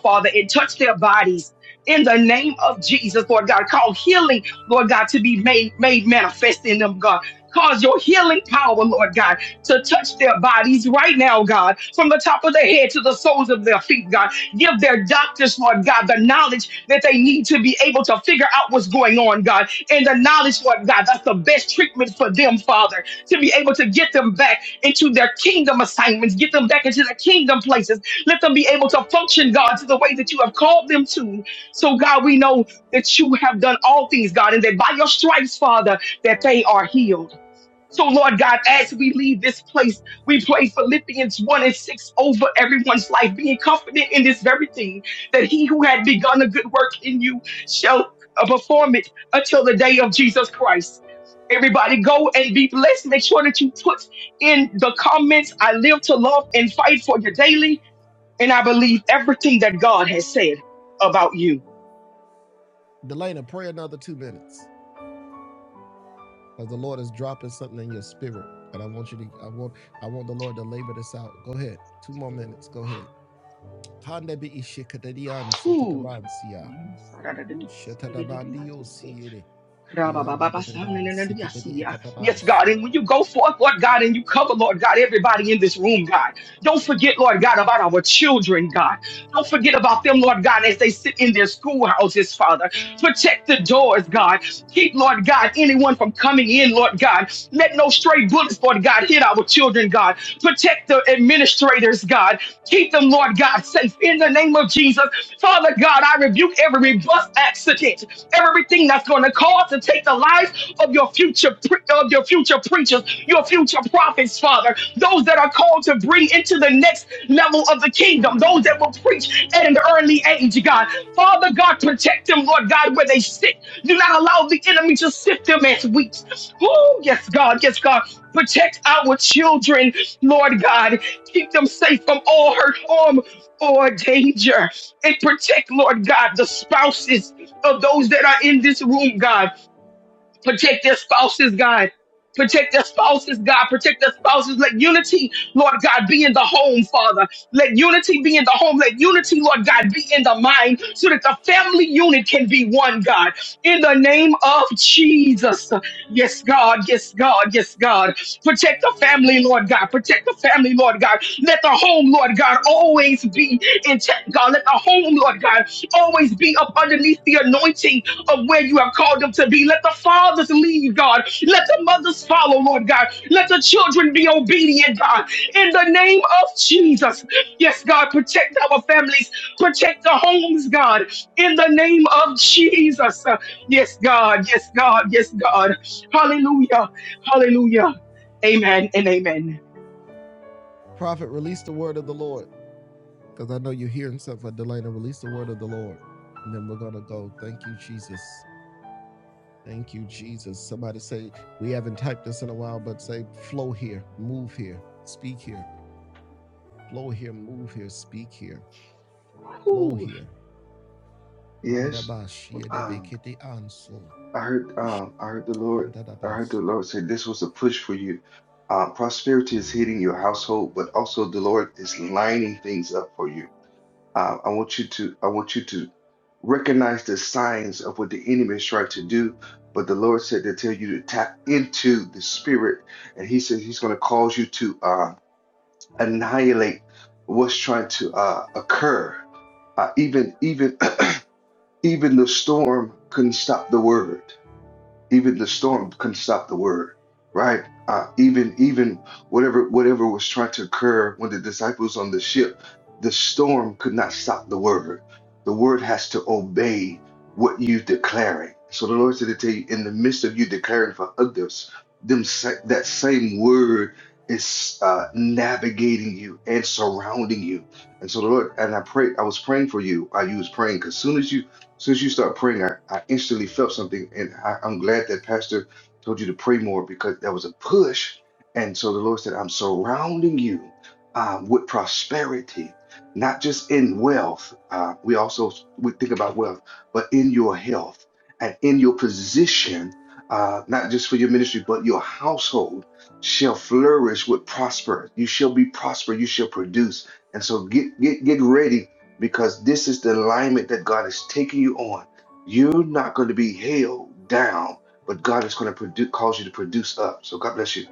S7: Father, and touch their bodies in the name of Jesus, Lord God. Call healing, Lord God, to be made, made manifest in them, God. Cause your healing power, Lord God, to touch their bodies right now, God, from the top of their head to the soles of their feet, God. Give their doctors, Lord God, the knowledge that they need to be able to figure out what's going on, God. And the knowledge, Lord God, that's the best treatment for them, Father, to be able to get them back into their kingdom assignments, get them back into their kingdom places, let them be able to function, God, to the way that you have called them to. So, God, we know that you have done all things, God, and that by your stripes, Father, that they are healed. So, Lord God, as we leave this place, we pray Philippians 1 and 6 over everyone's life, being confident in this very thing that he who had begun a good work in you shall uh, perform it until the day of Jesus Christ. Everybody go and be blessed. Make sure that you put in the comments, I live to love and fight for you daily and I believe everything that God has said about you. Ooh. Ra-ba-ba-ba-ba-sa-na-na-na-na-ya-si-ya. Yes, God. And when you go forth, Lord God, and you cover, Lord God, everybody in this room, God. Don't forget, Lord God, about our children, God. Don't forget about them, Lord God, as they sit in their schoolhouses, Father. Protect the doors, God. Keep, Lord God, anyone from coming in, Lord God. Let no stray bullets, Lord God, hit our children, God. Protect the administrators, God. Keep them, Lord God, safe in the name of Jesus. Father God, I rebuke rebuke every bus accident, everything that's going to cause to take the life of your future pre- of your future preachers, your future prophets, Father, those that are called to bring into the next level of the kingdom, those that will preach at an early age, God. Father God, protect them, Lord God, where they sit. Do not allow the enemy to sift them as wheat. Oh, yes, God, yes, God. Protect our children, Lord God. Keep them safe from all hurt, harm, or danger. And protect, Lord God, the spouses of those that are in this room, God. Protect their spouses, God. Protect their spouses, God. Protect their spouses. Let unity Lord God, be in the home, Father. Let unity be in the home. Let unity, Lord God, be in the mind so that the family unit can be one, God. In the name of Jesus. Yes, God. Yes, God. Yes, God. Protect the family, Lord God. Protect the family, Lord God. Let the home, Lord God, always be intact, God. Let the home, Lord God, always be up underneath the anointing of where you have called them to be. Let the fathers lead, God. Let the mothers follow, Lord God. Let the children be obedient, God in the name of Jesus. Yes, God, protect our families, protect the homes, God, in the name of Jesus. Uh, Yes, God, yes, God, yes, God. Hallelujah, hallelujah. Amen and amen.
S5: Yes. Um, I heard. Um, I heard the Lord. I heard the Lord say this was a push for you. Uh, prosperity is hitting your household, but also the Lord is lining things up for you Uh, I want you to I want you to recognize the signs of what the enemy is trying to do. But the Lord said to tell you to tap into the spirit, and He says He's going to cause you to uh, annihilate what's trying to uh, occur. Uh, even even even the storm couldn't stop the word even the storm couldn't stop the word right uh, even even whatever whatever was trying to occur when the disciples on the ship the storm could not stop the word the word has to obey what you declaring so the lord said to tell you in the midst of you declaring for others them sa- that same word is uh, navigating you and surrounding you and so the lord and i prayed i was praying for you uh, you was praying praying 'cause soon as you since you start praying, I, I instantly felt something, and I, I'm glad that Pastor told you to pray more because that was a push. And so the Lord said, I'm surrounding you um, with prosperity, not just in wealth. Uh, we also we think about wealth, but in your health and in your position, uh, not just for your ministry, but your household shall flourish with prosper. You shall be prosper. You shall produce. And so get get get ready because this is the alignment that God is taking you on. You're not going to be held down, but God is going to produ- cause you to produce up. So God bless you.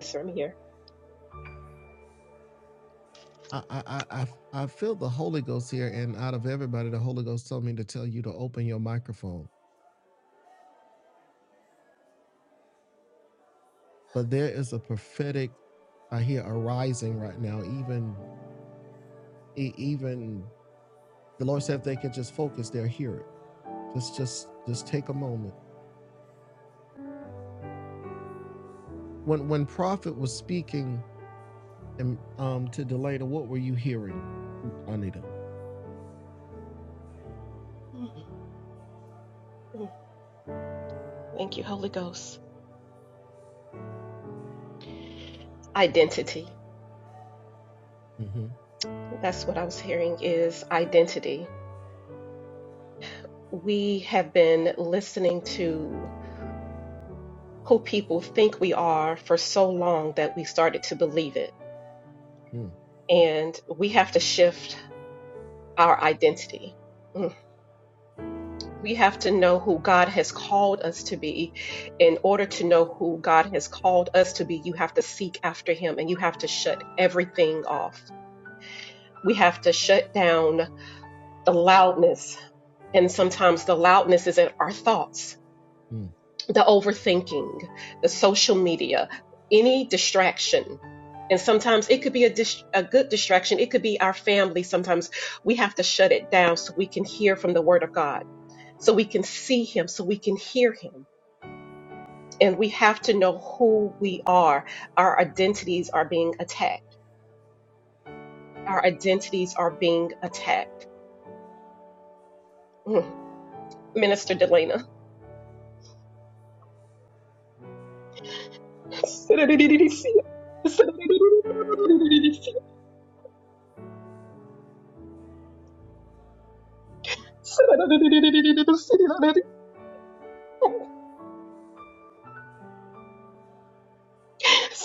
S3: Yes, sir, I'm here. Mm, mm. Thank you, Holy Ghost. Identity. That's what I was hearing is identity. We have been listening to who people think we are for so long that we started to believe it. And we have to shift our identity. we have to know who God has called us to be. In order to know who God has called us to be, you have to seek after Him and you have to shut everything off. We have to shut down the loudness. And sometimes the loudness is in our thoughts, the overthinking, the social media, any distraction. And sometimes it could be a, dis- a good distraction. It could be our family. Sometimes we have to shut it down so we can hear from the Word of God, so we can see Him, so we can hear Him and we have to know who we are. Our identities are being attacked. Our identities are being attacked. Mm. Minister Delana.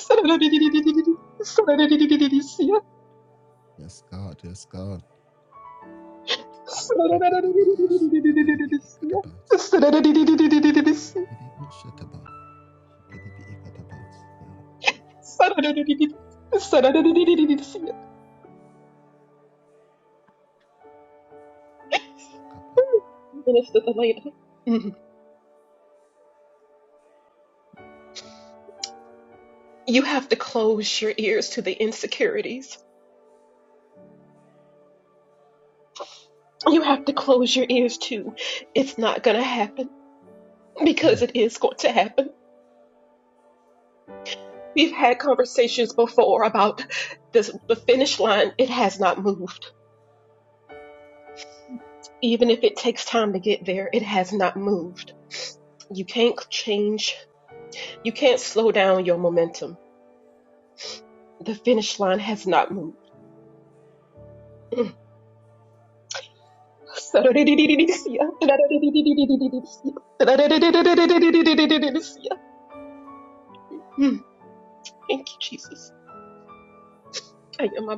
S3: Minister Delana. you have to close your ears to the insecurities. You have to close your ears to it's not going to happen because it is going to happen. We've had conversations before about this, the finish line. It has not moved. Even if it takes time to get there, it has not moved. You can't change. You can't slow down your momentum. The finish line has not moved. Mm. Thank you, Jesus. Hey, am I-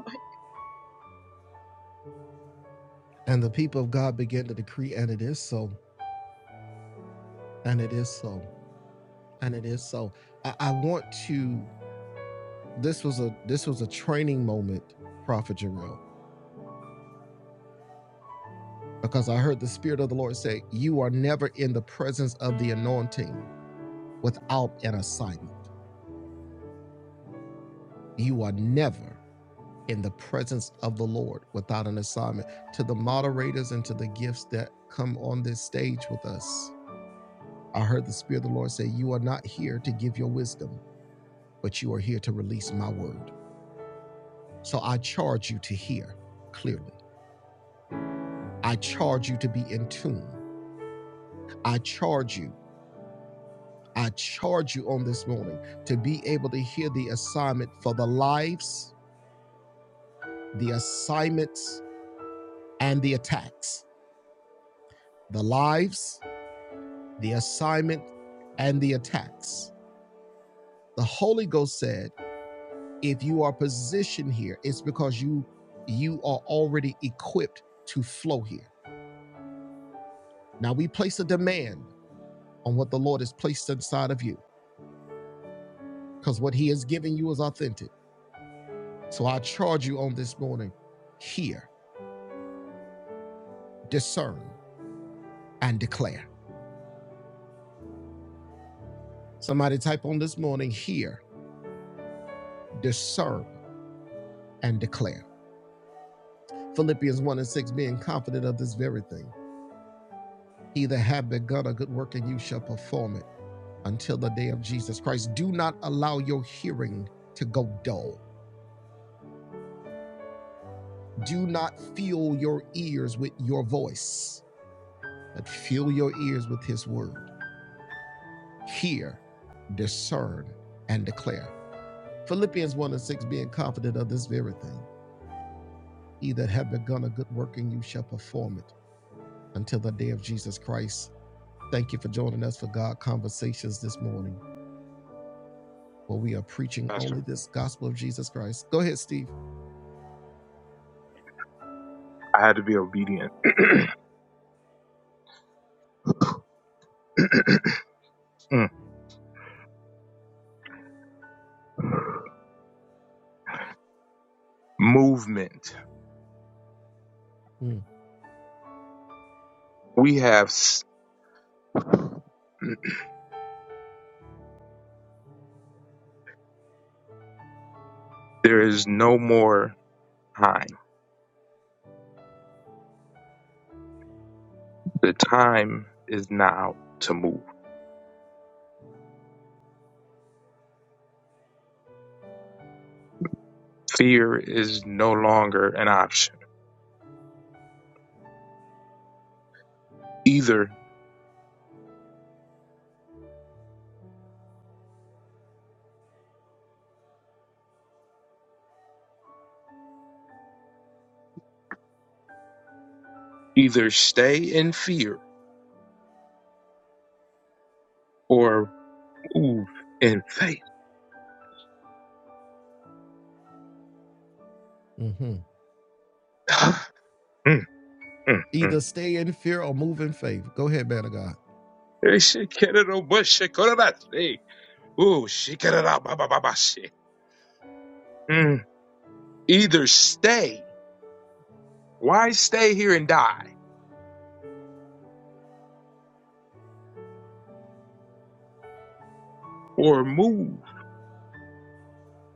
S8: Pastor. I had to be obedient. Mm. Movement. We have. s- There is no more time. The time is now to move. Fear is no longer an option. Either either stay in fear or move in faith. Mm, mm, mm. Ooh, shikarababababashe. Mm. Either stay, why stay here and die, or move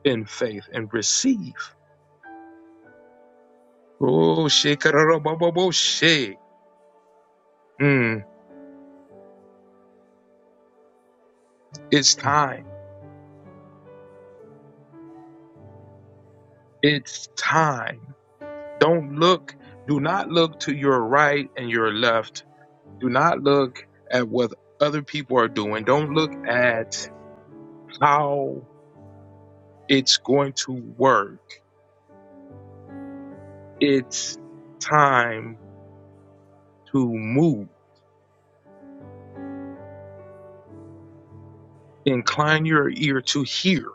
S8: in faith and receive. Oh, shikarabababoshe. Mm. It's time. It's time. Don't look. Do not look to your right and your left. Do not look at what other people are doing. Don't look at how it's going to work it's time to move. Incline your ear to hear.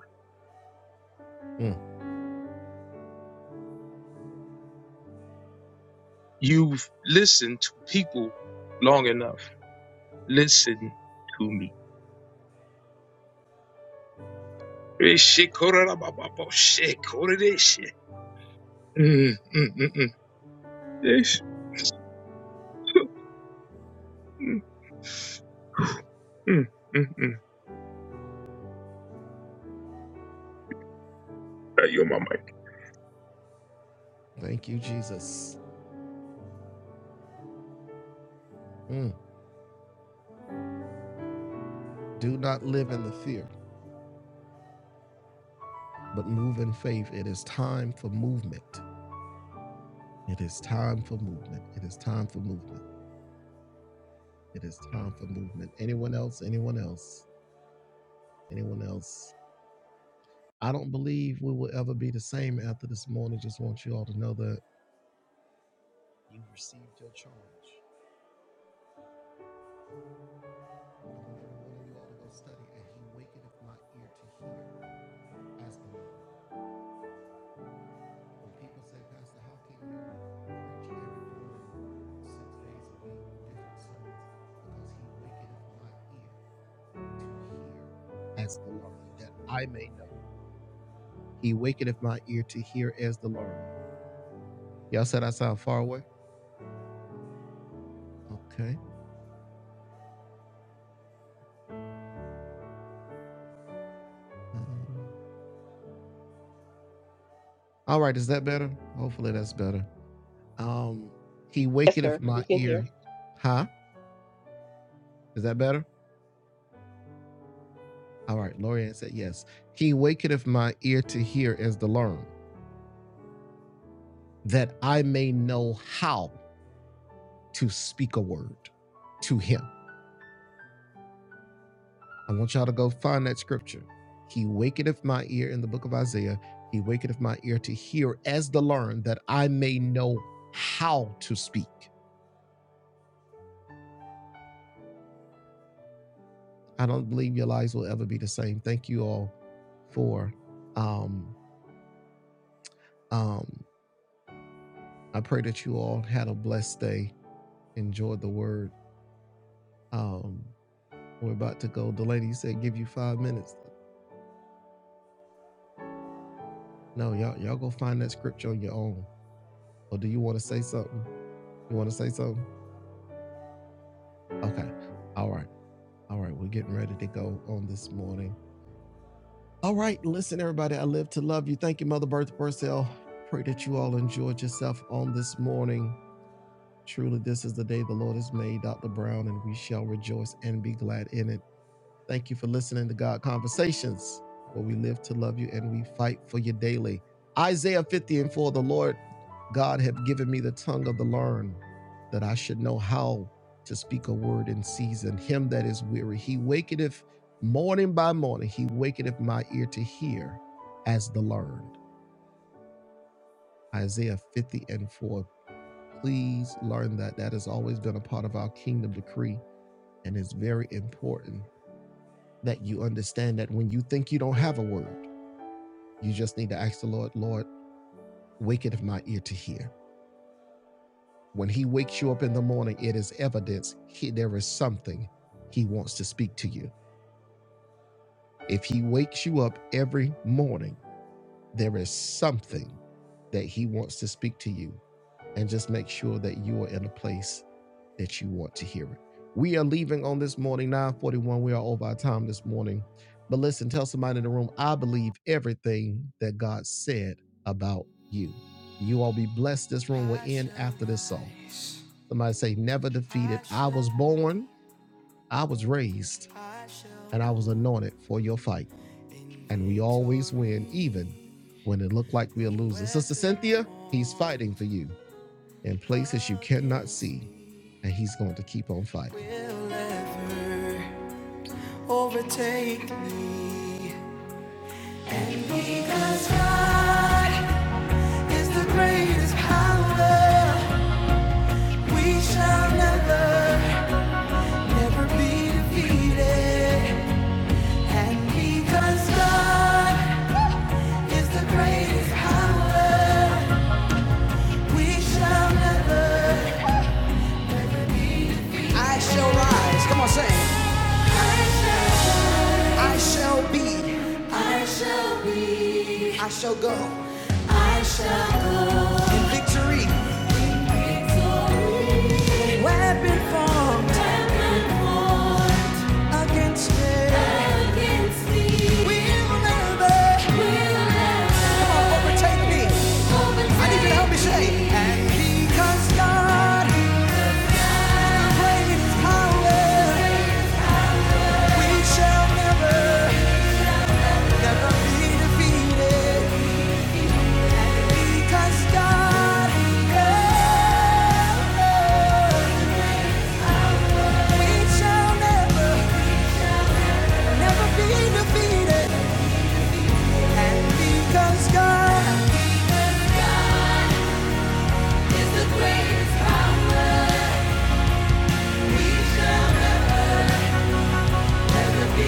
S8: You've listened to people long enough. Listen to me. Eh, shit, kororobabo, shit, korodeshi. Mm, mm, mm, mm. Yes. Mm, mm, mm, mm. Hey, yo, mama.
S3: Yes, sir. You can hear.
S1: Will ever overtake me. And Because God is the greatest power, we shall never, I shall rise. Come on, say. I shall be. I shall be. I shall go. I shall go. In victory, weapon formed against me. Will never. Come on, overtake me. I need you to help me say. And because God. Great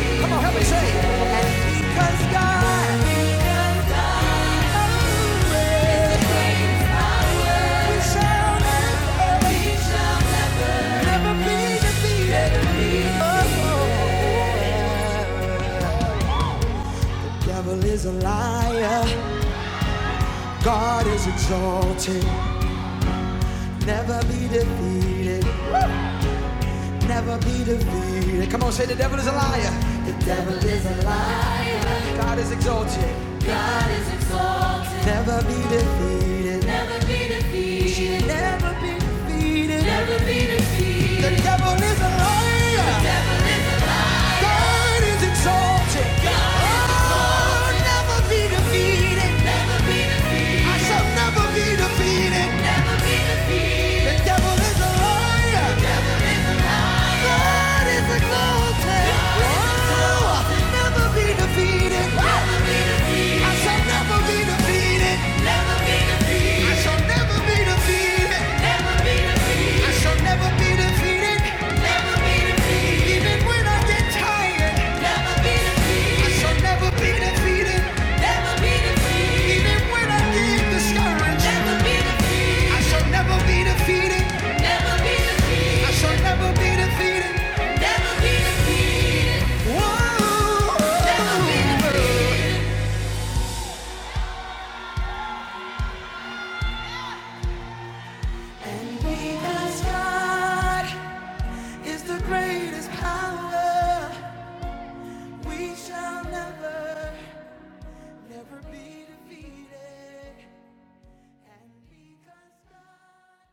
S1: Come on, help me say Oh. oh, oh. Devil is a liar, God is exalted. Never be defeated, never be defeated. Come on, say the devil is a liar. The devil is a liar, God is exalted. Never be defeated, never be defeated. Never be defeated. Never be. The devil is a liar, God is exalted. God, never be defeated. I shall never be defeated. The devil is a liar. God is exalted. So i shall never be defeated. I shall never be defeated. I shall never be defeated. I shall never be defeated. Never be defeated. Even when I get tired. Never be defeated. I shall never be defeated. Never be defeated. Even when I get discouraged. Never be defeated. I shall never be defeated. Never be defeated. Never be defeated. And because God is the greatest power, we shall never. Never be defeated. And because God